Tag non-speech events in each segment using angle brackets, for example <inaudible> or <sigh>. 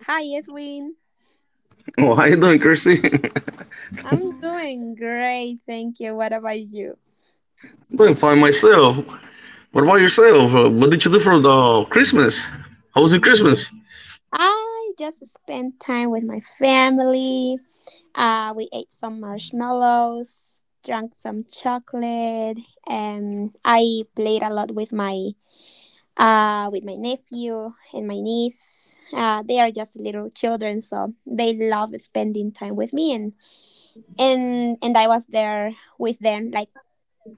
Hi, Edwin. <laughs> Oh, how you doing, Chrissy? <laughs> I'm I'm doing great, thank you. What about you? doing fine myself. What about yourself? What did you do for the Christmas? How was your Christmas? I just spent time with my family. We ate some marshmallows, drank some chocolate, and I played a lot with my nephew and my niece. They are just little children, so they love spending time with me, and I was there with them, like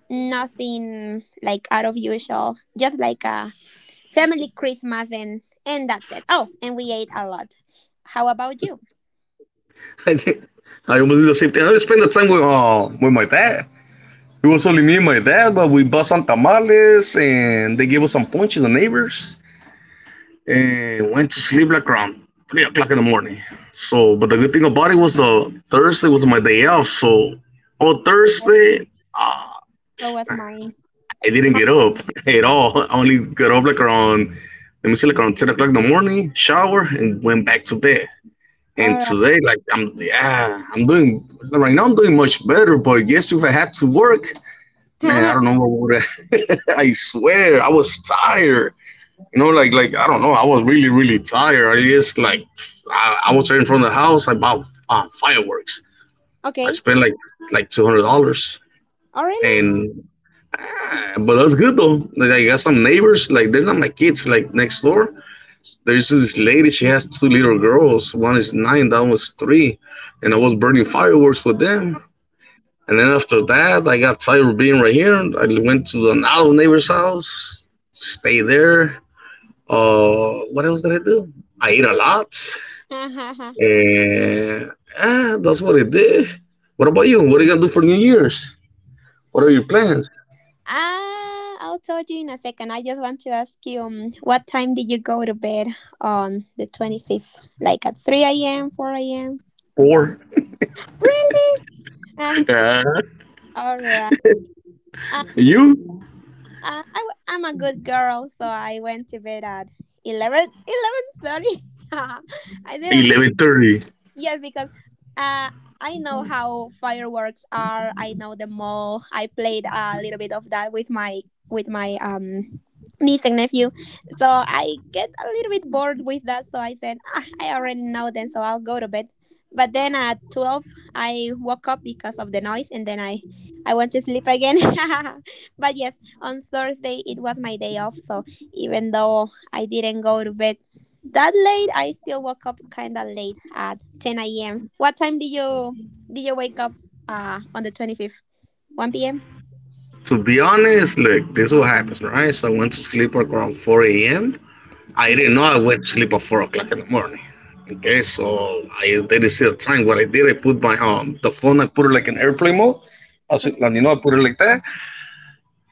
nothing like out of usual, just like a family Christmas, and that's it. Oh, and we ate a lot. How about you? <laughs> I think I almost did the same thing. I spent the time with my dad. It was only me and my dad, but we bought some tamales and they gave us some punches, the neighbors, and went to sleep like around 3 o'clock in the morning. So, but the good thing about it was the Thursday was my day off. So, on Yes, Thursday so was mine. I didn't get up <laughs> at all. I only got up like around, let me see, like around 10 o'clock in the morning, shower, and went back to bed. And All right. today, like I'm, I'm doing right now, I'm doing much better, but yes, if I had to work, man, I don't <laughs> know what would. <laughs> I swear, I was tired. You know, like I don't know. I was really tired. I just like I was right from the house. I bought fireworks. I Okay. spent like $200, Oh, really? and but that's good though. Like I got some neighbors. Like they're not my kids. Like next door, there's this lady, she has two little girls. One is nine, that one's three. And I was burning fireworks with them. And then after that, I got tired of being right here. I went to the now neighbor's house, stay there. What else did I do? I ate a lot. <laughs> And that's what I did. What about you? What are you gonna do for New Year's? What are your plans? Ah, I'll tell you in a second. I just want to ask you, what time did you go to bed on the 25th? Like at three a.m., four a.m.? Four. Really? <laughs> Uh, all right. Uh, <laughs> You? I'm a good girl, so I went to bed at 11, 11:30. <laughs> I didn't. 11:30. Yes, because uh, I know how fireworks are. I know them all. I played a little bit of that with my with my um niece and nephew. So I get a little bit bored with that. So I said, ah, I already know them, so I'll go to bed. But then at 12, I woke up because of the noise, and then I went to sleep again. <laughs> But yes, on Thursday it was my day off. So even though I didn't go to bed that late, I still woke up kind of late at 10 a.m. What time did you wake up on the 25th? 1 p.m.? To be honest, look, this is what happens, right? So I went to sleep like around 4 a.m. I Okay. didn't know I went to sleep at 4 o'clock in the morning. Okay, so I didn't see the time. What I did, I put my the phone, I put it like in airplane mode. I was Okay. like, you know, I put it like that.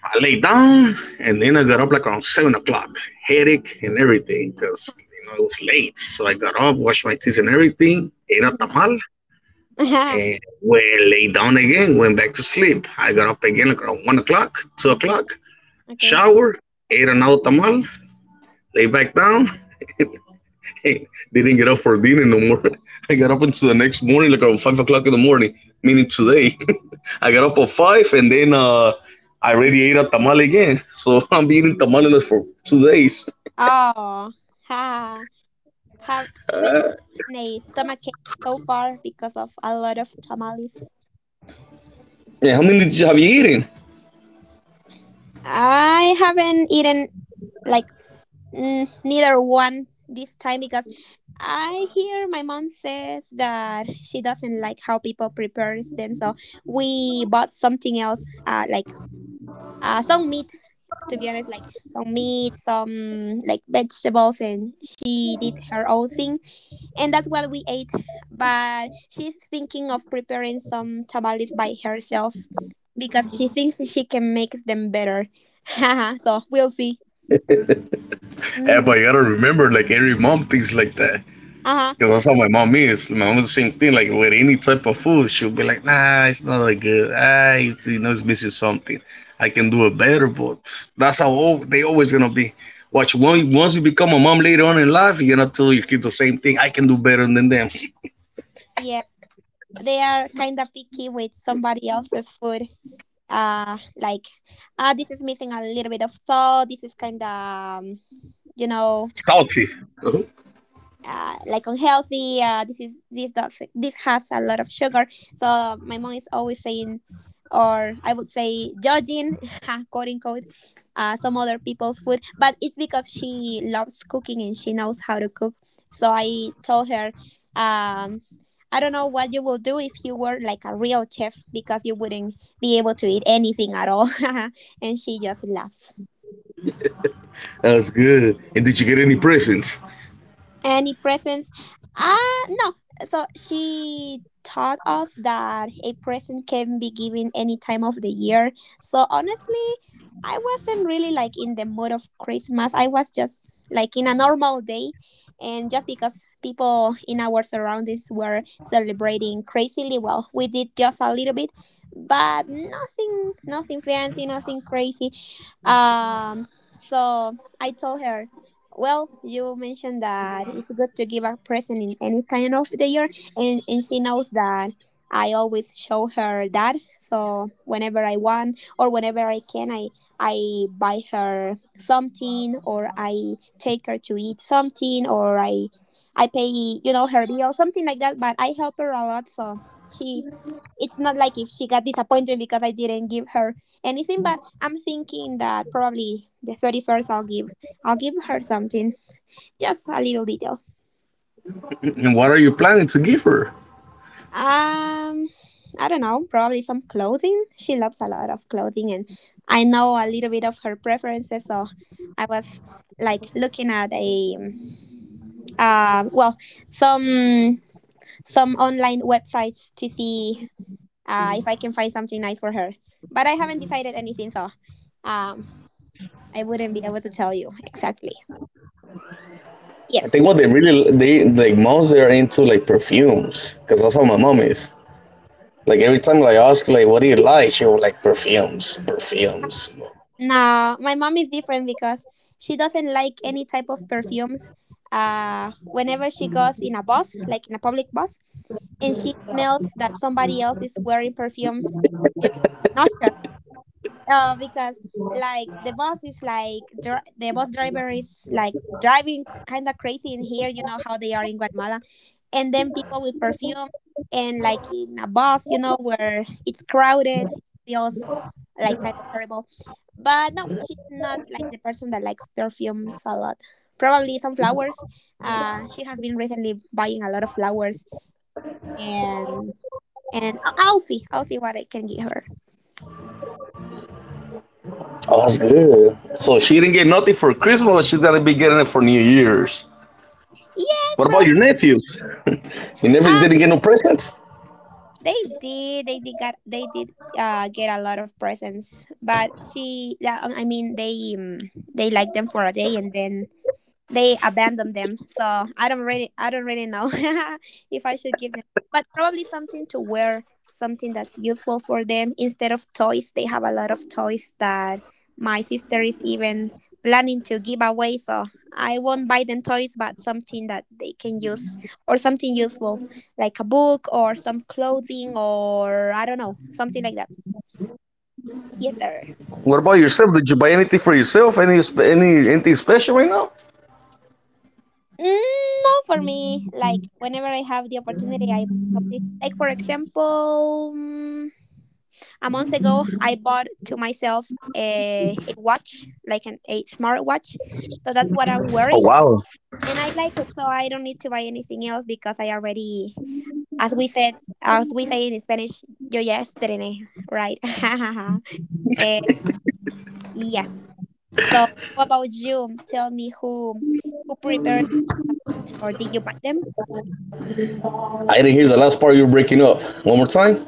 I lay down, and then I got up like around 7 o'clock. Headache and everything, because, you know, it was late. So I got up, washed my teeth and everything, ate a Hmm. tamal, and <laughs> when I lay down again, went back to sleep. I got up again like around 1 o'clock, 2 o'clock Okay. shower, ate an old tamal, lay back down. <laughs> Didn't get up for dinner no more. <laughs> I got up until the next morning, like around 5 o'clock in the morning, meaning today. <laughs> I got up at 5 and then I Mhm. already ate a tamal again. So <laughs> I'm eating tamales for 2 days. <laughs> Oh, ha. Have having a stomachache so far because of a lot of tamales. Yeah, how many did you have you eaten? I haven't eaten like neither one this time because I hear my mom says that she doesn't like how people prepares them. So we bought something else, like some meat, to be honest, like some meat, some like vegetables, and she did her own thing, and that's what we ate. But she's thinking of preparing some tamales by herself because she thinks she can make them better. <laughs> So we'll see. Yeah, Mm-hmm. but you gotta remember, like every mom thinks like that. Uh huh. Because that's how my mom is. My mom is the same thing. Like with any type of food, she'll be like, "Nah, it's not that good. Ah, you know, it's missing something. I can do it better." But that's how all, they always gonna be. Watch once. Once you become a mom later on in life, you're gonna tell your kids the same thing. I can do better than them. <laughs> Yeah, they are kind of picky with somebody else's food. Like, this is missing a little bit of salt. This is kind of, you know, Talk it. Like unhealthy. This is this has a lot of sugar. So my mom is always saying, or I would say judging, <laughs> quote unquote, some other people's food. But it's because she loves cooking and she knows how to cook. So I told her, um, I don't know what you will do if you were like a real chef because you wouldn't be able to eat anything at all. <laughs> And she just laughs. That's good. And did you get any presents? Any presents? Ah, no. So she taught us that a present can be given any time of the year. So honestly, I wasn't really like in the mood of Christmas. I was just like in a normal day. And just because people in our surroundings were celebrating crazily, well, we did just a little bit, but nothing, nothing fancy, nothing crazy. Um, so I told her, well, you mentioned that it's good to give a present in any time of the year, and, she knows that I always show her that. So whenever I want or whenever I can, I buy her something, or I take her to eat something, or I pay, you know, her bill, something like that. But I help her a lot, so she. It's not like if she got disappointed because I didn't give her anything, but I'm thinking that probably the 31st I'll give her something, just a little detail. And what are you planning to give her? Um, I don't know, probably some clothing. She loves a lot of clothing, and I know a little bit of her preferences. So I was like looking at a, well, some online websites to see if I can find something nice for her. But I haven't decided anything, so um, I wouldn't be able to tell you exactly. I Yes. think what they really they like most they're into like perfumes, because that's how my mom is. Like every time like, I ask like what do you like, she'll like perfumes, perfumes. No, my mom is different because she doesn't like any type of perfumes. Whenever she goes in a bus, like in a public bus, and she smells that somebody else is wearing perfume, it's nauseous. Because like the bus is like the bus driver is like driving kind of crazy in here. You know how they are in Guatemala, and then people with perfume and like in a bus, you know, where it's crowded, feels like kind of terrible. But no, she's not like the person that likes perfumes a lot. Probably some flowers. She has been recently buying a lot of flowers, and I'll see what I can get her. Oh, that's good. So she didn't get nothing for Christmas, but she's gonna be getting it for New Year's. Yes, What about your probably. nephews? <laughs> Your nephews Ah, didn't get no presents. They did get a lot of presents, but she, yeah, I mean, they like them for a day and then they abandoned them. So I don't really know <laughs> if I should give them, but probably something to wear, something that's useful for them instead of toys. They have a lot of toys that my sister is even planning to give away, so I won't buy them toys, but something that they can use or something useful like a book or some clothing or I don't know, something like that. Yes sir. What about yourself? Did you buy anything for yourself? Anything special right now? Mm, no, for me, like whenever I have the opportunity, I buy something. Like for example, a month ago, I bought to myself a, watch, like an a smartwatch. So that's what I'm Oh wearing, wow! and I like it. So I don't need to buy anything else because I already, as we said, as we say in Spanish, yo ya estrené, right? <laughs> Eh, yes. So how about you? Tell me, who prepared, or did you buy them? I didn't hear the last part. You're breaking up. One more time.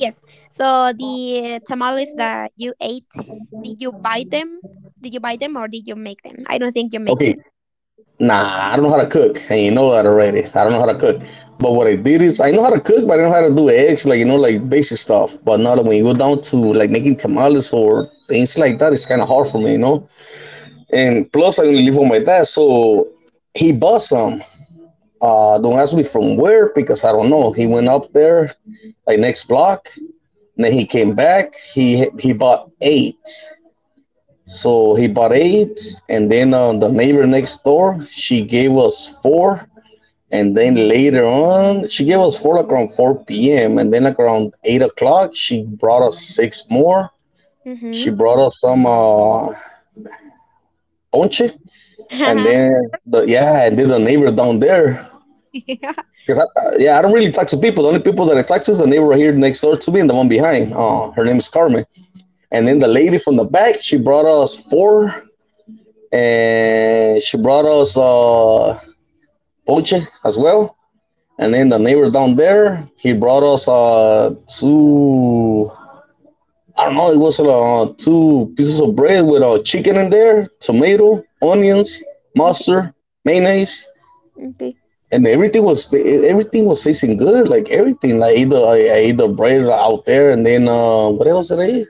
Yes. So the tamales that you ate, did you buy them? Did you buy them, or did you make them? I don't think you make Okay, them. nah, I don't know how to cook, and you know that already. I don't know how to cook. But what I did is I know how to cook, but I don't know how to do eggs, like you know, like basic stuff. But now that when you go down to like making tamales or things like that, it's kind of hard for me, you know. And plus, I only live with my dad, so he bought some. Don't ask me from where because I don't know. He went up there, like next block, and then he came back. He bought eight. So he bought eight, and then the neighbor next door she gave us four and then later on, she gave us four like around 4 p.m. And then like around 8 o'clock, she brought us six more. Mm-hmm. She brought us some ponche. And then, <laughs> the, yeah, and then the neighbor down there. Because, I, yeah, I don't really talk to people. The only people that I talk to is the neighbor right here next door to me and the one behind. Her name is Carmen. And then Hmm. the lady from the back, she brought us four. And she brought us ponche as well. And then the neighbor down there, he brought us two, I don't know, it was two pieces of bread with chicken in there, tomato, onions, Okay. mustard, mayonnaise, Okay. and everything was tasting good. Like everything, like either I ate the bread out there, and then what else did I eat?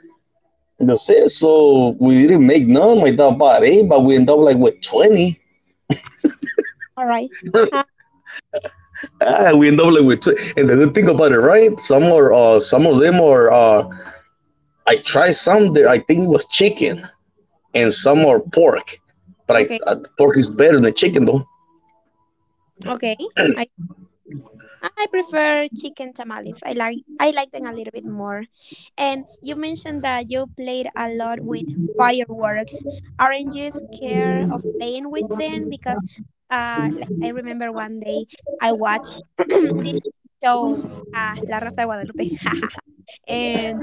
That's it. So we didn't make none. My dad bought eight, but we end up like with 20. All right. <laughs> Ah, Ah, we end up like with 20. And the good thing about it, right? Some are some of them are I tried some there. I think it was chicken and some are pork, but I okay. Pork is better than chicken though. Okay. I prefer chicken tamales. I like them a little bit more. And you mentioned that you played a lot with fireworks. Aren't you scared of playing with them? Because like I remember one day I watched <clears throat> this show La Raza de Guadalupe. <laughs> And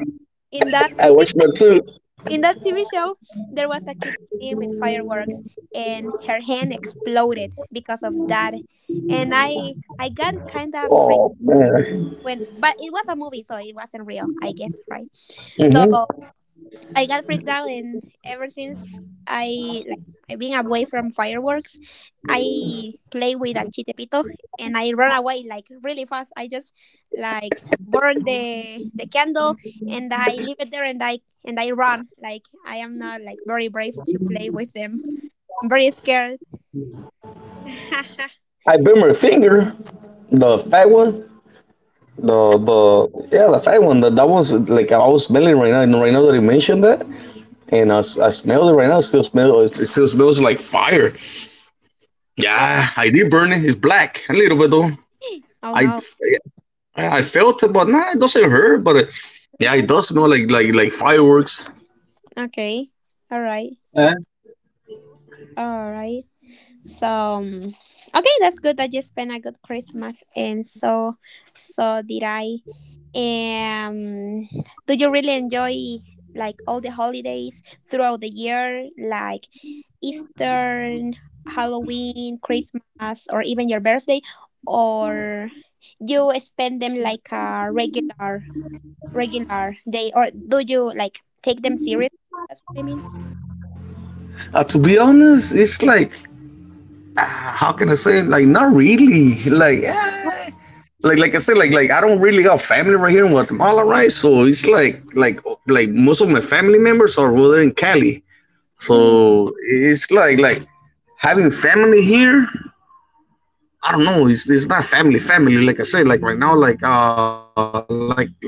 in that I it, watched that too. <laughs> in that TV show there was a kid playing with fireworks and her hand exploded because of that. And I got kind of, Oh man. when, but it was a movie, so it wasn't real, I guess, right? Hmm, So I got freaked out, and ever since, i like I've been away from fireworks. I play with a chitepito and I run away like really fast. I just like burn the candle and I leave it there, and I run, like, I am not like very brave to play with them. I'm very scared. <laughs> I burned my finger, the fat one, the yeah the fat one. That that was like I was smelling right now. And right now that you mentioned that, and I smelled it right now. It still smell. It still smells like fire. Oh, Yeah, I did burn it. It's black a little bit though. oh I no. I felt it, but nah, it doesn't hurt. But yeah, it does smell like fireworks. Okay. All right, Uh, all right. So okay, that's good. I just spent a good Christmas, and so did I. Um, do you really enjoy like all the holidays throughout the year, like Easter, Halloween, Christmas, or even your birthday? Or you spend them like a regular day, or do you like take them seriously? That's what I mean. to be honest, it's like how can I say it? Like not really. Like eh, like I said, like I don't really have family right here in Guatemala, right? So it's like most of my family members are over there in Cali. Mm-hmm. So it's like having family here, I don't know, it's not family family. Like I said, like right now,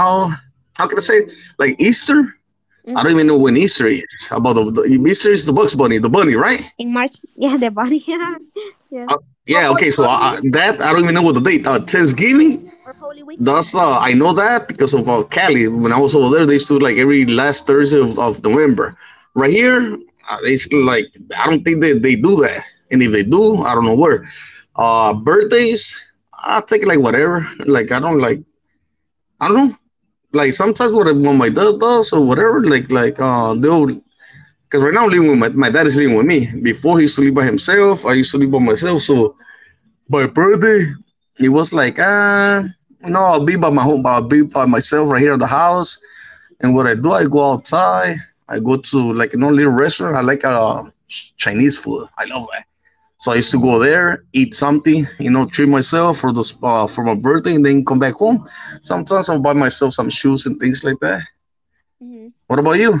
how can I say it? Like Easter? I don't even know when Easter is. About the Easter is the Bugs Bunny, the bunny, right? In March. <laughs> Yeah, the bunny. <laughs> Yeah. Uh, Yeah. yeah. Or Okay. Hol- So Holy Week, that I don't even know what the date. Thanksgiving. or Holy Week. That's I know that because of Cali. When I was over there, they used to like every last Thursday of November. Right here, it's like I don't think they do that. And if they do, I don't know where. Birthdays, I take like whatever. Like I don't know. Like sometimes what my dad does or whatever. Like they'll. 'Cause right now I'm living with my, my dad is living with me. Before he used to live by himself, I used to live by myself. So by birthday, it was like ah, you know, I'll be by my home, I'll be by myself right here at the house. And what I do, I go outside. I go to like no little restaurant. I like Chinese food. I love that. So I Hmm. used to go there, eat something, you know, treat myself for the for my birthday, and then come back home. Sometimes I'll buy myself some shoes and things like that. Hmm. What about you?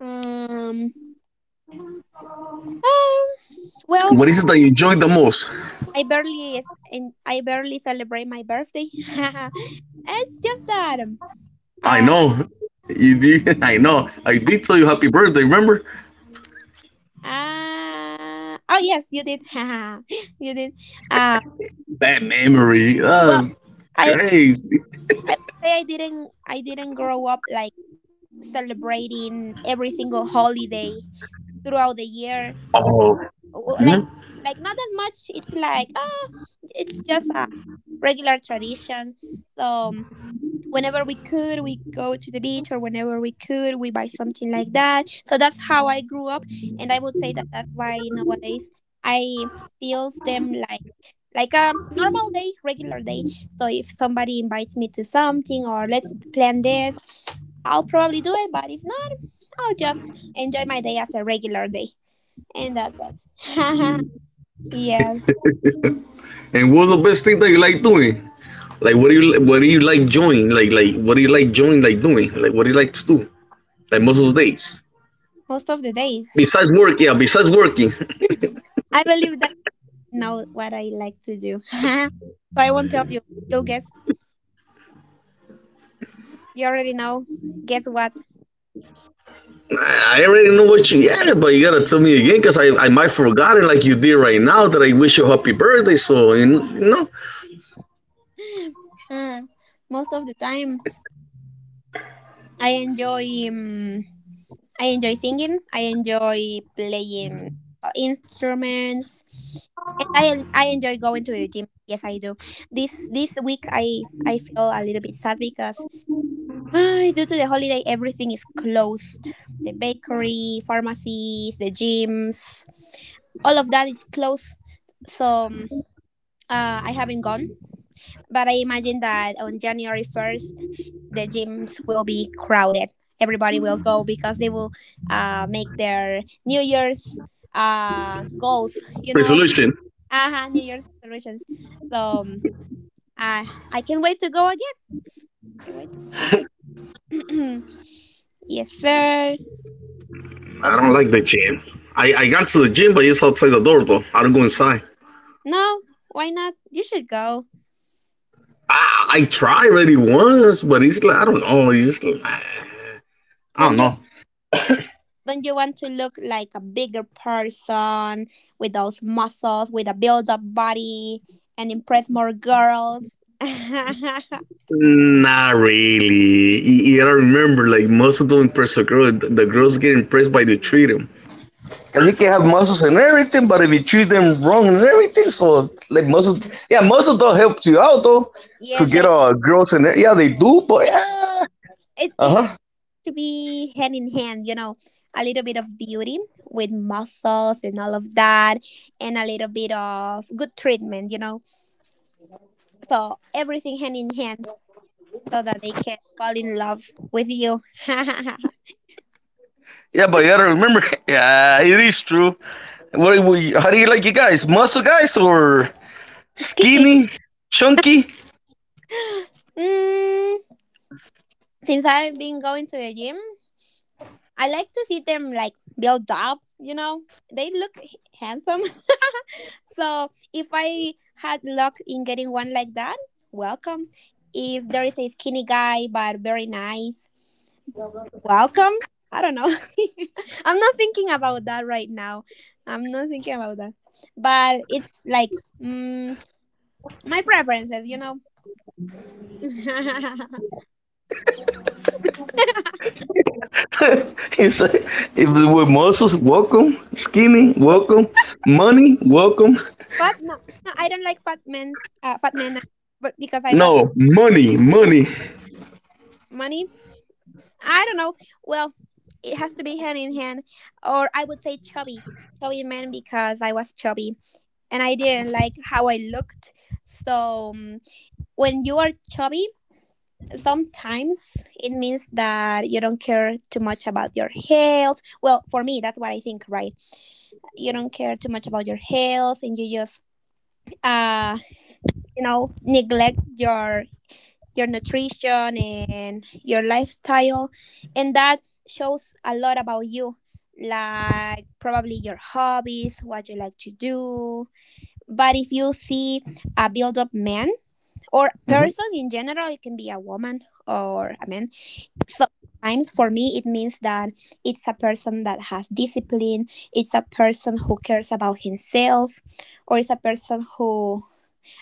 Um. Um. Well, What is it that you enjoy the most? I barely celebrate my birthday. <laughs> It's just that I uh, know. You did. <laughs> I know. I I- did tell you happy birthday. Remember oh yes, you did. <laughs> Haha, you did. Uh, that memory? well, That's I crazy. Would say I didn't grow up like celebrating every single holiday throughout the year. Oh. Mhm. W- Like like not that much. It's like, oh, it's just a regular tradition. So um, whenever we could we go to the beach, or whenever we could we buy something, like that so that's how I grew up. And I would say that that's why nowadays I feels them like a normal day, regular day. So if somebody invites me to something or let's plan this, I'll probably do it. But if not, I'll just enjoy my day as a regular day, and that's it. <laughs> Yeah, And what's the best thing that you like doing? Like, what do you like doing? Like, what do you like doing? Like doing? Like, what do you like to do? Like most of the days. most of the days. Besides work, yeah. Besides working, <clears throat> I believe that, know what I like to do. <laughs> So I won't tell you. You'll guess. You already know. Guess what? <laughs> I already know what you. Yeah, but you gotta tell me again, cause I might forgotten like you did right now that I wish you happy birthday. So you know <gasps> <laughs> Uh, most of the time, I enjoy. I enjoy singing. I enjoy playing instruments, and I enjoy going to the gym. Yes, I do. This week, I feel a little bit sad because <sighs> ah, due to the holiday, everything is closed. The bakery, pharmacies, the gyms, all of that is closed, so I haven't gone, but I imagine that on January 1st the gyms will be crowded. Everybody will go because they will make their New Year's goals, resolution. uh-huh, New Year's resolutions. So I can't wait to go again, can't wait to go again. <clears throat> Yes, sir. I Oops. don't like the gym. I got to the gym, but it's outside the door though. I don't go inside. No. Why not? You should go. I tried already once, but it's like I don't know. It's like, I Don't don't you? know. Don't you want to look like a bigger person with those muscles, with a build up body, and impress more girls? <laughs> Yeah, Not really. You gotta remember, like most of them impress the girl. The girls get impressed by the treat them. And you can have muscles and everything, but if you treat them wrong and everything, so like muscles, yeah, muscles don't help you out though to they, get girls and yeah, they do, but they yeah, it, uh it huh. to be hand in hand, a little bit of beauty with muscles and all of that, and a little bit of good treatment. So everything hand in hand so that they can fall in love with you. <laughs> So guys were Skinny. skinny, chunky. Mm, since I've been going to the gym, I like to see them like build up. They look handsome. <laughs> So if I had luck in getting one like that, welcome. If there is a skinny guy but very nice, welcome. I don't know. <laughs> I'm not thinking about that right now. I'm not thinking about that. But it's like mm, my preferences. <laughs> <laughs> It's like, if they were muscles, welcome. Skinny, welcome. Money, welcome. But no, no, I don't like fat men. Fat men, but because I No, was money, money. money, I don't know. Well, it has to be hand in hand, or I would say chubby, chubby man because I was chubby and I didn't like how I looked. So when you are chubby, sometimes it means that you don't care too much about your health. Well, for me, that's what I think, right? You don't care too much about your health, and you just, uh, neglect your nutrition and your lifestyle, and that shows a lot about you, like probably your hobbies, what you like to do. But if you see a build up man or Mm-hmm. person in general, it can be a woman or a man. Sometimes for me it means that it's a person that has discipline, it's a person who cares about himself, or it's a person who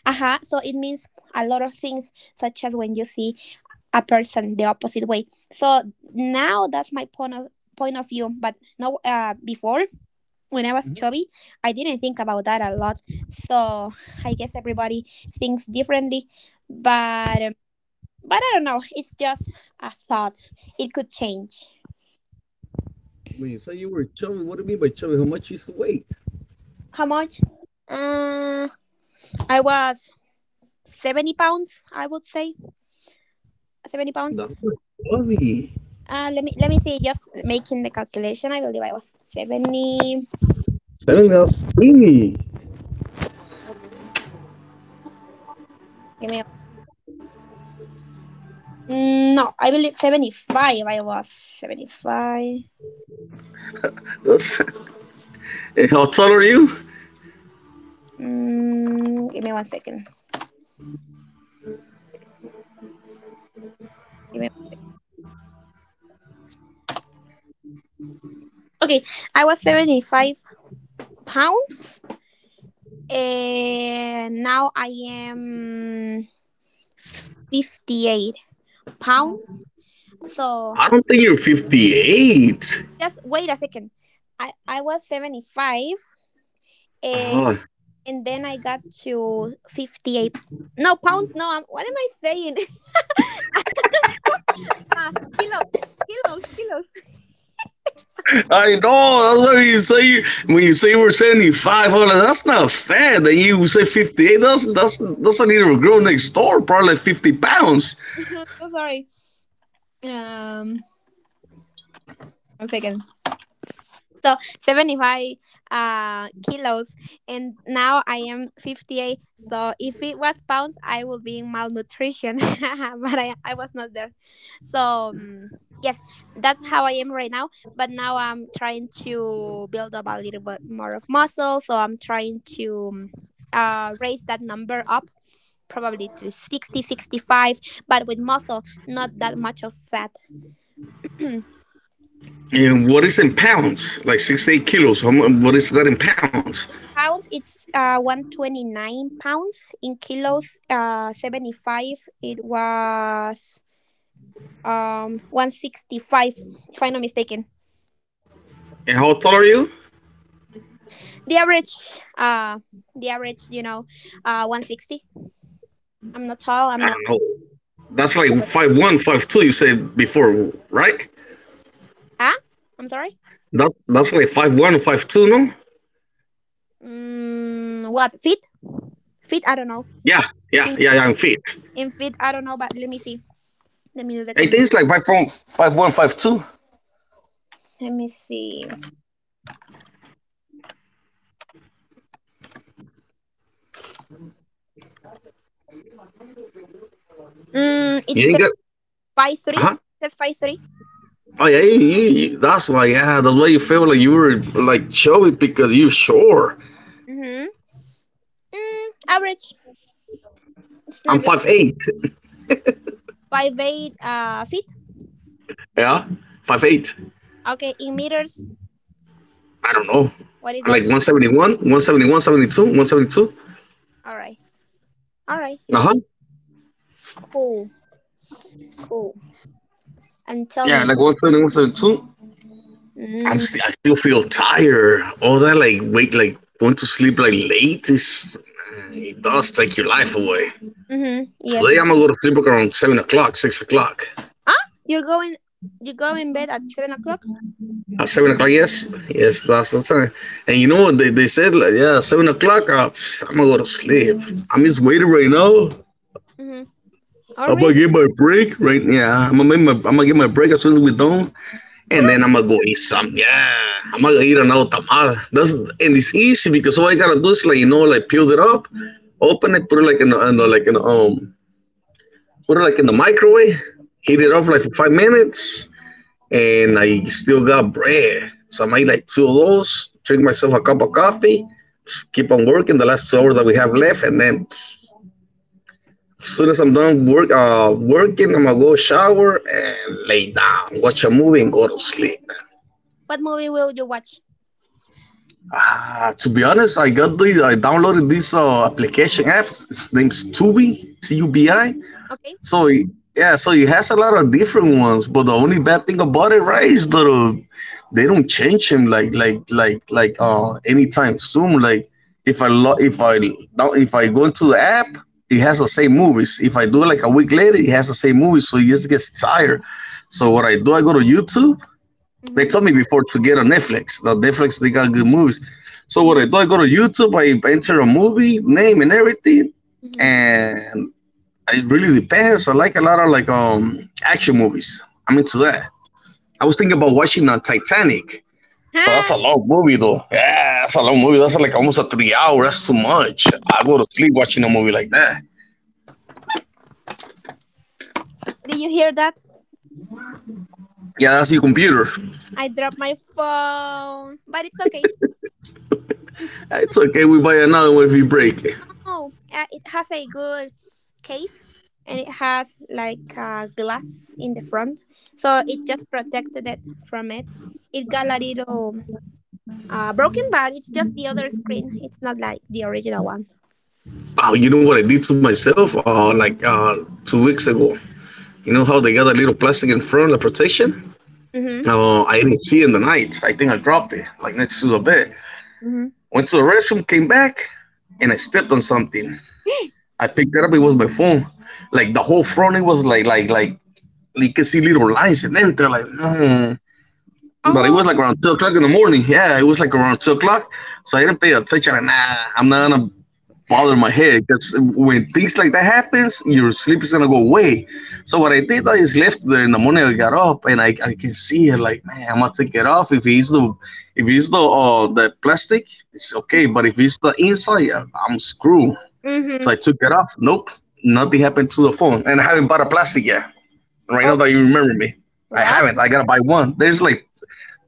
aha, so it means a lot of things, such as when you see a person the opposite way. So now that's my point of view. But no, before when I was chubby, I didn't think about that a lot. So I guess everybody thinks differently. But um, but I don't know. It's just a thought. It could change. When you say you were chubby, what do you mean by chubby? How much you used to weight? How much? Uh, I was 70 pounds. I would say 70 pounds. That's not chubby. Let me see. Just making the calculation, I believe I was 70. Seven, that's skinny. Give me. No, I believe 75. I was 75. That's, <laughs> and how tall are you? Give me one second. Give me, okay, I was 75 pounds and now I am 58 pounds. So I don't think you're 5'8". just wait a second. I was 75, and, Ah, and then I got to 58. No, pounds, no, what am I saying? <laughs> uh, kilos, kilos. I know. That's why you say you when you say we're 75. I'm like, that's not fat. That you say 58. That's a little girl next door, probably like 50 pounds. <laughs> I'm so sorry. Um, one second. So 75 kilos, and now I am 58. So if it was pounds, I would be in malnutrition. <laughs> But I was not there, so yes, that's how I am right now. But now I'm trying to build up a little bit more of muscle, so I'm trying to raise that number up probably to 60, 65, but with muscle not that much of fat. <clears throat> And what is in pounds? Like 68 kilos. What is that in pounds? Pounds, it's 129 pounds, in kilos 75. It was 165, if I'm not mistaken, And how tall are you? the average, the average, you know, 160. I'm not tall, I'm I not don't know. That's like short. 5'1", 5'2". You said before, right? ah I'm sorry. That's like 5'1", 5'2". No. What Feet, I don't know. Yeah, yeah, in yeah, yeah. I'm fit. in feet, I don't know. But let me see, let me do the I com- think it's like 5'1", 5'1", 5'2". let me see. It You ain't says got. five Uh three huh. It says 5'3". Oh yeah, that's why. Yeah, that's why you feel like you were like chubby because you sure. Mm-hmm. Average, it's I'm not 5'8". <laughs> 5'8" feet. Yeah, 5'8". Okay, in meters. I don't know. What is I'm that? like 171, one seventy one, seventy 172. All right. All right. Uh huh. Cool. Cool. And tell Yeah, me. like 171, 72. I'm Mm, still, I still feel tired. All that like wait, like going to sleep like late is eh, it does take your life away. mm-hmm. Yes. Today I'm gonna go to sleep like around 7 o'clock, 6 o'clock. You're going. You go in bed at 7 o'clock. At 7 o'clock, yes, yes, that's the time. And you know what they said? Like, yeah, 7 o'clock. I'm gonna go to sleep. I'm just waiting right now. Mm-hmm. Oh, I'm gonna really? get my break right. Yeah, I'm gonna get my break as soon as we done, and then I'm gonna go eat something. Yeah, I'm gonna eat another tamal. That's and it's easy because all I gotta do is like peel it up, open it, put it like in the like in the, put it like in the microwave, heat Mm-hmm. it up like for 5 minutes and I still got bread. So I made like two of those, drink myself a cup of coffee, just keep on working the last 2 hours that we have left, and then as soon as I'm done working, I'm gonna go shower and lay down, watch a movie, and go to sleep. What movie will you watch? Ah, to be honest, I got the I downloaded this application app. It's name's Tubi, T U B We- I. Okay. So yeah, so he has a lot of different ones, but the only bad thing about it, right, is that they don't change him like anytime soon. If I now if I go into the app, it has the same movies. If I do it like a week later, it has the same movies, so he just gets tired. So what I do, I go to YouTube. They Mm-hmm. told me before to get on Netflix. The Netflix they got good movies. So what Mm-hmm. I do, I go to YouTube, I enter a movie name and everything, Mm-hmm. <laughs> and it really depends. I like a lot of action movies. I'm into that. I was thinking about watching Titanic, but that's Ha! a long movie though. Yeah, that's a long movie. That's like almost a 3 hour. That's too much. I go to sleep watching a movie like that. Did you hear that? Yeah, that's your computer. I dropped my phone, but it's okay. It's okay. We buy another one if we break it. Oh, it has a good case and it has like glass in the front, so it just protected it from it. It got a little broken, but it's just the other screen. It's not like the original one. Oh, you know what I did to myself? Like 2 weeks ago. You know how they got a little plastic in front of the protection? Mhm. I didn't see it in the night. I think I dropped it, like next to the bed. Mhm. Went to the restroom, came back, and I stepped on something. I picked it up. It was my phone. Like the whole front, it was like you can see little lines and everything. Like, mm. But it Oh. was like around 2 o'clock in the morning. Yeah, it was like around 2 o'clock. So I didn't pay attention. And nah, I'm not gonna bother my head because when things like that happens, your sleep is gonna go away. So what I did, I just left there in the morning. I got up and I can see it. Like man, I'm gonna take it off. If it's the the plastic, it's okay. But if it's the inside, I'm screwed. So I Mhm. took that off. Nope, nothing happened to the phone, and I haven't bought a plastic yet. Right now Oh. that you remember me, I What? haven't. I gotta buy one. There's like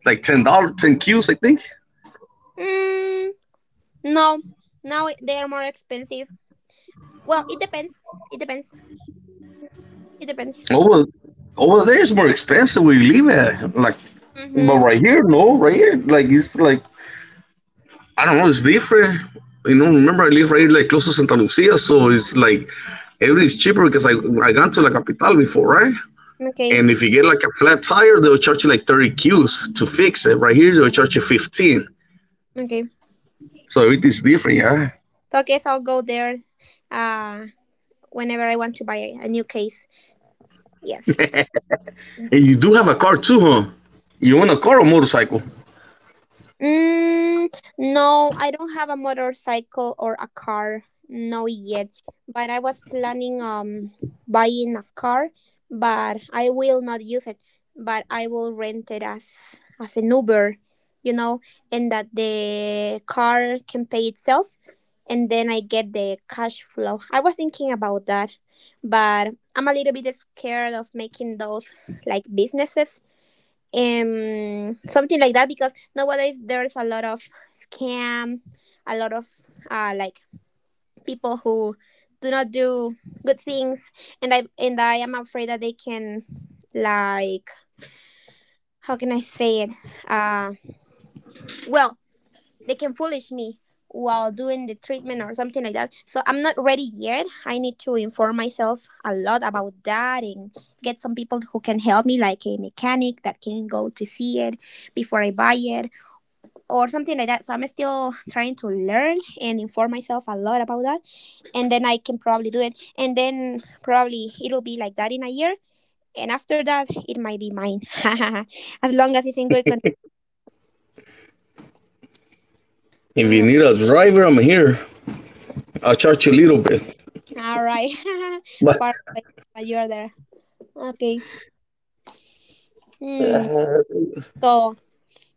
like $10, ten Qs, I think. Mm, no. Now they are more expensive. Well, it depends. It depends. It depends. Over over there is more expensive where you live at. Like, but Mhm. right here, no, right here, like it's like I don't know, it's different. You know, remember I live right here, like close to Santa Lucia, so it's like everything's cheaper because I gone to La Capital before, right? Okay. And if you get like a flat tire, they'll charge you like 30 Qs to fix it. Right here, they'll charge you 15. Okay. So it is different, yeah. So I guess I'll go there. Uh, whenever I want to buy a new case. Yes. <laughs> And you do have a car too, huh? You want a car or motorcycle? Mm, no, I don't have a motorcycle or a car. No yet, but I was planning buying a car, but I will not use it. But I will rent it as an Uber, you know, and that the car can pay itself, and then I get the cash flow. I was thinking about that, but I'm a little bit scared of making those like businesses, something like that, because nowadays there's a lot of scam, a lot of like people who do not do good things, and I am afraid that they can, like, how can I say it, uh well, they can foolish me while doing the treatment or something like that. So I'm not ready yet. I need to inform myself a lot about that and get some people who can help me, like a mechanic that can go to see it before I buy it or something like that. So I'm still trying to learn and inform myself a lot about that. And then I can probably do it. And then probably it'll be like that in a year. And after that, it might be mine. <laughs> As long as it's in good condition. If you need <laughs> a driver, I'm here. I'll charge you a little bit, all right. <laughs> but Far away, but you're there. Okay. Hmm. So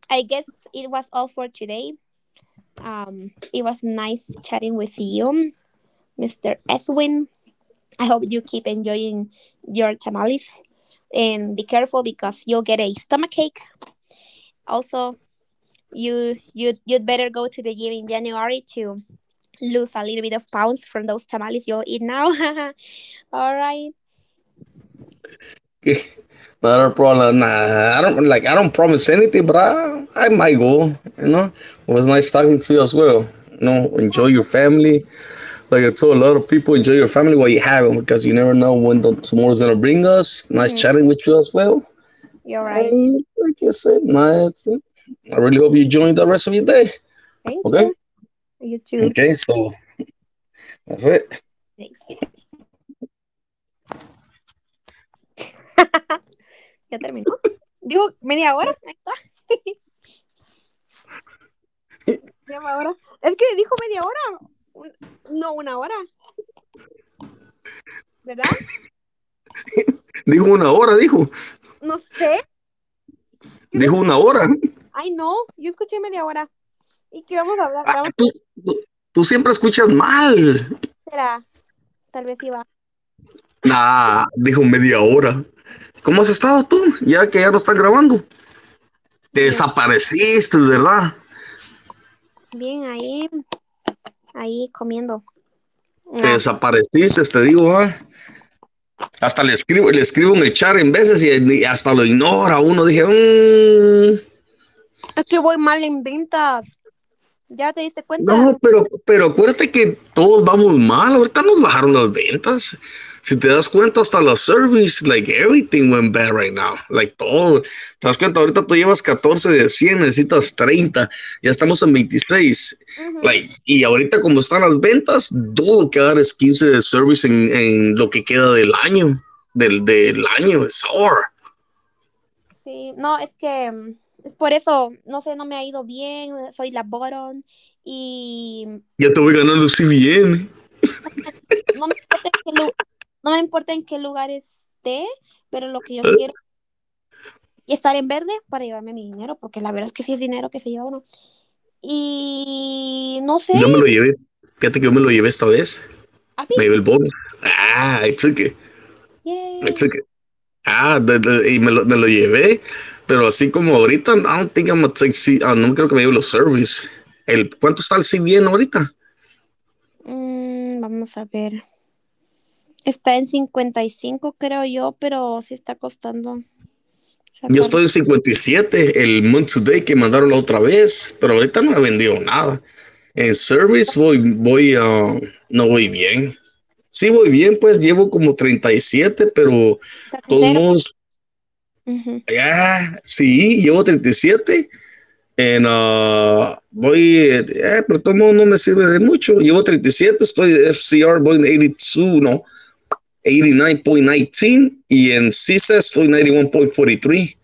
I guess it was all for today. It was nice chatting with you, Mr. Eswin. I hope you keep enjoying your tamales, and be careful because you'll get a stomachache. Also, you'd better go to the gym in January to lose a little bit of pounds from those tamales you'll eat now. <laughs> All right. <laughs> not a problem. Nah, I don't like. I don't promise anything, but I might go. You know, it was nice talking to you as well. You know, Yes. enjoy your family. Like I told a lot of people, enjoy your family while you have them because you never know when the, tomorrow's gonna bring us. Nice Mm-hmm. chatting with you as well. You're right. And like I said, nice. I really hope you enjoy the rest of your day. Thank Okay? you. You too. Okay, so that's it. Thanks. <laughs> Ya terminó. Dijo media hora. Ahí está. Media hora. Es que dijo media hora. No una hora, ¿verdad? Dijo una hora, dijo. No sé. No- Dijo una hora. Ay, no. Yo escuché media hora. ¿Y qué vamos a hablar? Ah, Vamos a ver. tú, tú siempre escuchas mal. Será. Tal vez iba. Nah, dijo media hora. ¿Cómo has estado tú? Ya que ya no están grabando. Te Bien. desapareciste, ¿verdad? Bien, ahí comiendo. Te Ah, desapareciste, te digo, ah. Hasta le escribo en el chat en veces y, hasta lo ignora uno. Dije, mmm. es que voy mal en ventas. ¿Ya te diste cuenta? No, pero acuérdate que todos vamos mal. Ahorita nos bajaron las ventas. Si te das cuenta, hasta la service, like everything went bad right now. Like todo. Te das cuenta, ahorita tú llevas catorce de cien, necesitas treinta. Ya Ujú, estamos en veintiséis. ujú, Like, y ahorita como están las ventas, dudo que dar es quince de service en, en lo que queda del año. Del año, es hard. sí, no, es que es por eso, no sé, no me ha ido bien, soy la bottom y Ya te voy ganando si bien. no me importa en qué, no me importa en qué lugar esté, pero lo que yo quiero es estar en verde para llevarme mi dinero, porque la verdad es que sí es dinero que se lleva uno. Y no sé, Ya me lo llevé. Fíjate que yo me lo llevé esta vez. Me así. llevé el bonus. Ah, I took it. I Yay. took it. Ah, y me lo llevé. Pero así como ahorita, I don't think I'm gonna take no creo que me lleve los service. El, ¿cuánto está el CBN ahorita? Vamos a ver. Está en 55 creo yo, pero sí está costando Yo sacarlo. estoy en cincuenta y siete, el month today que mandaron la otra vez, pero ahorita no he vendido nada. En service voy, ah, no voy bien. Sí voy bien, pues llevo como treinta y siete, pero de Está en todos cero. modos, Ujú. ah, sí, llevo treinta y siete. En, voy, eh, pero tomo no me sirve de mucho. Llevo treinta y siete estoy de FCR, voy en 82, no, 89.19 y nueve punto diecinueve. Y en CISA estoy 91.43.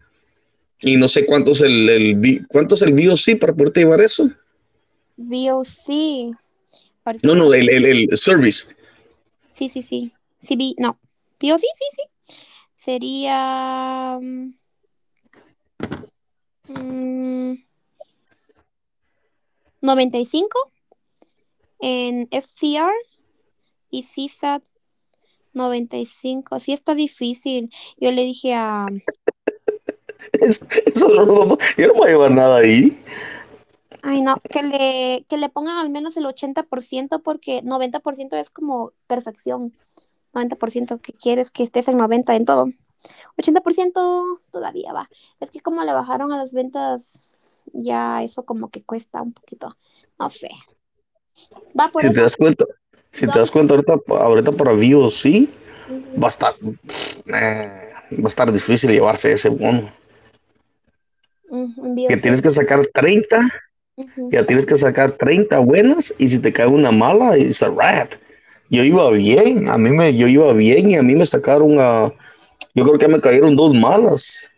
Y uno punto cuarenta y tres. Y no sé cuánto es cuánto es el VOC para poder llevar eso. VOC No, no, ah, el service. sí, sí, sí. Sí, no. VOC, sí, sí. Sería mm, 95 en FCR y CSAT noventa y cinco. Sí está difícil. Yo le dije a... <laughs> Eso no lo yo no voy a llevar nada ahí. Ay, no, que le pongan al menos el ochenta por ciento, porque 90% es como perfección. Noventa por ciento, que quieres que estés en 90 en todo. Ochenta por ciento todavía va. Es que como le bajaron a las ventas, ya eso como que cuesta un poquito. No sé. Va por Si te eso. das cuenta, si te Tengo que... das cuenta ahorita, ahorita para VOC Ujú. va a estar, pff, eh, va a estar difícil llevarse ese bono. Ujú, envío, Que sí. tienes que sacar treinta Ujú. ya tienes que sacar treinta buenas y si te cae una mala, it's a wrap. Yo iba bien, a mí me, yo iba bien y a mí me sacaron a, yo creo que me cayeron dos malas.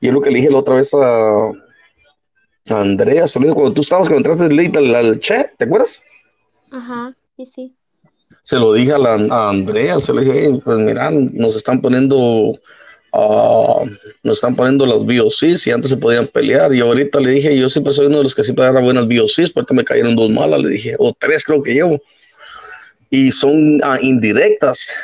Y es lo que le dije la otra vez a Andrea, se lo dije cuando tú estabas, cuando entraste late al, al chat, ¿te acuerdas? Ajá. Sí, sí. Se lo dije a, la, a Andrea, se le dije, "Hey, pues mira, nos están poniendo, ah, nos están poniendo las BOCs y antes se podían pelear." Y ahorita le dije, yo siempre soy uno de los que siempre agarra buenas BOCs, pero ahorita me cayeron dos malas, le dije, o tres creo que llevo, y son indirectas.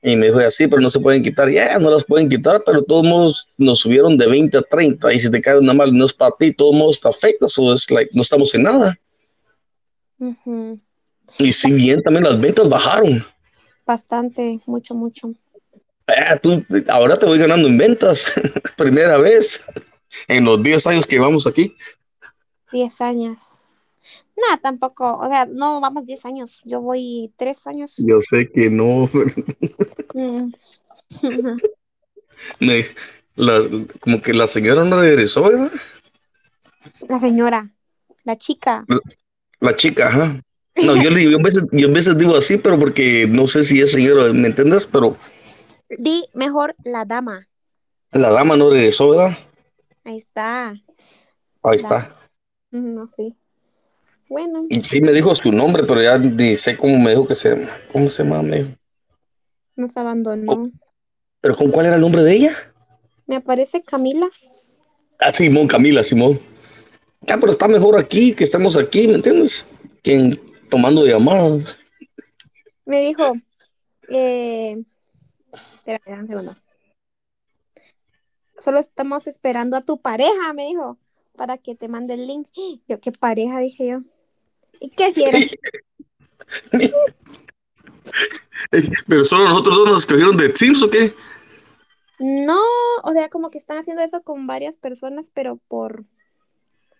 Y me dijo, así, pero no se pueden quitar. Ya, yeah, no las pueden quitar, pero todos modos nos subieron de veinte a treinta. Y si te cae una mal, no es para ti, todos modos te afecta. So es like, no estamos en nada. Ujú. Y si La- bien también las ventas bajaron. Bastante, mucho, mucho. Ah, tú, ahora te voy ganando en ventas. <laughs> Primera vez en los diez años que vamos aquí. Diez años. Nada, tampoco. O sea, no vamos 10 años. Yo voy 3 años. Yo sé que no. Mm. <laughs> <laughs> me- la- Como que la señora no regresó, ¿verdad? La señora, la chica. La chica, ajá. <laughs> No, La- yo a veces digo así, pero porque no sé si es señora, ¿me entiendes? Pero Di mejor la dama. la dama no regresó, ¿verdad? Ahí está. Ahí Da- está. No sé. Bueno. Y sí me dijo su nombre, pero ya ni sé cómo me dijo que se llama. ¿Cómo se llama me dijo? Nos Co- abandonó. ¿Pero con cuál era el nombre de ella? Me aparece Camila. Ah, Simón, Camila, Simón. Ah, pero está mejor aquí, que estamos aquí, ¿me entiendes? Que tomando llamadas. Me dijo, eh, espérame un segundo. Solo estamos esperando a tu pareja, me dijo, para que te mande el link. <gasps> Yo, ¿qué pareja? Dije yo. ¿Y qué si eras? <laughs> ¿Pero solo nosotros dos nos escogieron de Teams, o qué? No, o sea, como que están haciendo eso con varias personas, pero por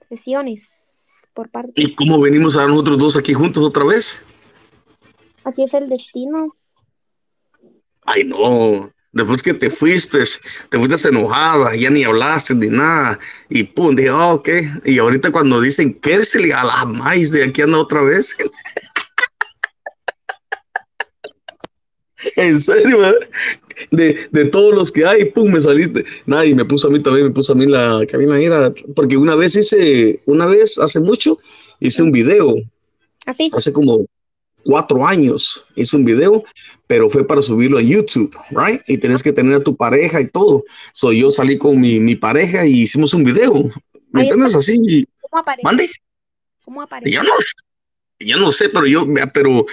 sesiones, por ¿Y partes. cómo venimos a nosotros dos aquí juntos otra vez? Así es el destino. Ay, no. Después que te fuiste enojada, ya ni hablaste ni nada. Y pum, dije, ok. Y ahorita cuando dicen, le a la maíz de aquí anda otra vez. <laughs> En serio, ¿verdad? De todos los que hay, pum, me saliste. Nada, y me puso a mí también, me puso a mí la cabina era. Porque una vez hice, una vez hace mucho, hice un Mm, video, Así. hace como cuatro años hice Ok. un video, pero fue para subirlo a YouTube, right? Y Ah, tenés que tener a tu pareja y todo. So, yo salí con mi pareja y hicimos un video. ¿Me ahí entiendes? está. Así, ¿Cómo mande. apareces? ¿Cómo Yo no, apareces? yo no sé, pero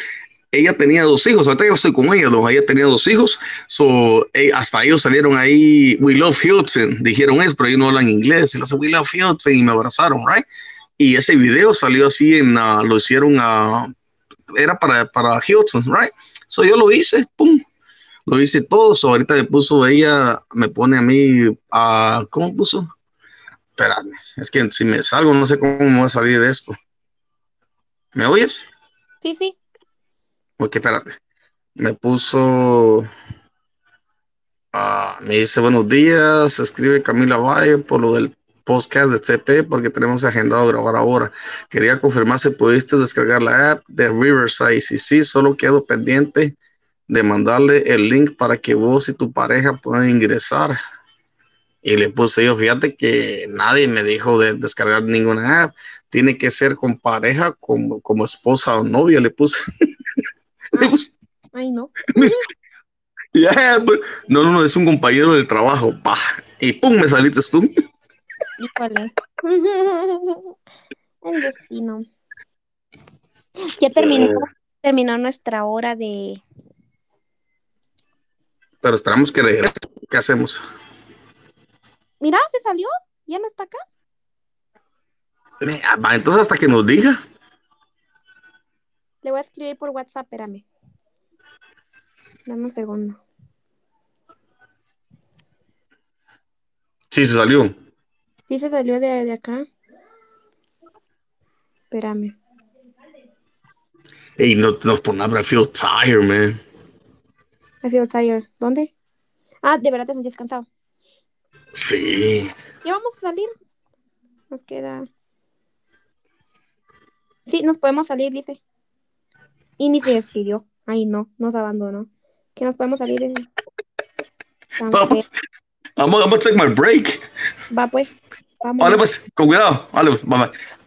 ella tenía dos hijos. Ahorita yo estoy con ella, dos. Ella tenía dos hijos. So, hasta ellos salieron ahí, We Love Houston. Dijeron eso, pero ellos no hablan inglés. Y le hacen We Love Houston y me abrazaron, right? Y ese video salió así lo hicieron a era para Hilton, right? So yo lo hice, pum, lo hice todo. So ahorita me puso ella, me pone a mí a. ¿Cómo puso? Espérame, es que si me salgo no sé cómo me voy a salir de esto. ¿Me oyes? Sí, sí. Ok, espérate. Me puso me dice buenos días, escribe Camila Valle por lo del podcast de TP porque tenemos agendado grabar ahora. Quería confirmar si pudiste descargar la app de Riverside. Y sí, solo quedo pendiente de mandarle el link para que vos y tu pareja puedan ingresar. Y le puse yo, fíjate que nadie me dijo de descargar ninguna app. Tiene que ser con pareja, como esposa o novia. <laughs> Le Ah, puse ay, no. <laughs> yeah, no, no, no, es un compañero del trabajo. Bah. Y pum, me saliste tú. Híjole. <laughs> El destino. Ya <laughs> terminó nuestra hora de... Pero esperamos que regrese. ¿Qué hacemos? Mira, se salió, ya no está acá. Entonces, hasta que nos diga. Le voy a escribir por WhatsApp, espérame. Dame un segundo. Sí, se salió. Sí se salió de acá, espérame. Y no, nos ponemos, I feel tired, man. I feel tired. ¿Dónde? Ah, de verdad te sentí descansado. Sí. Ya vamos a salir, nos queda... Sí, nos podemos salir, dice. Y ni se despidió. Ay, no, nos abandonó. Que nos podemos salir, dice. Tan feo. Vamos, I'm gonna take my break. Va, pues, Olha vámonos. você, Kogu cuidado, vale, bye bye.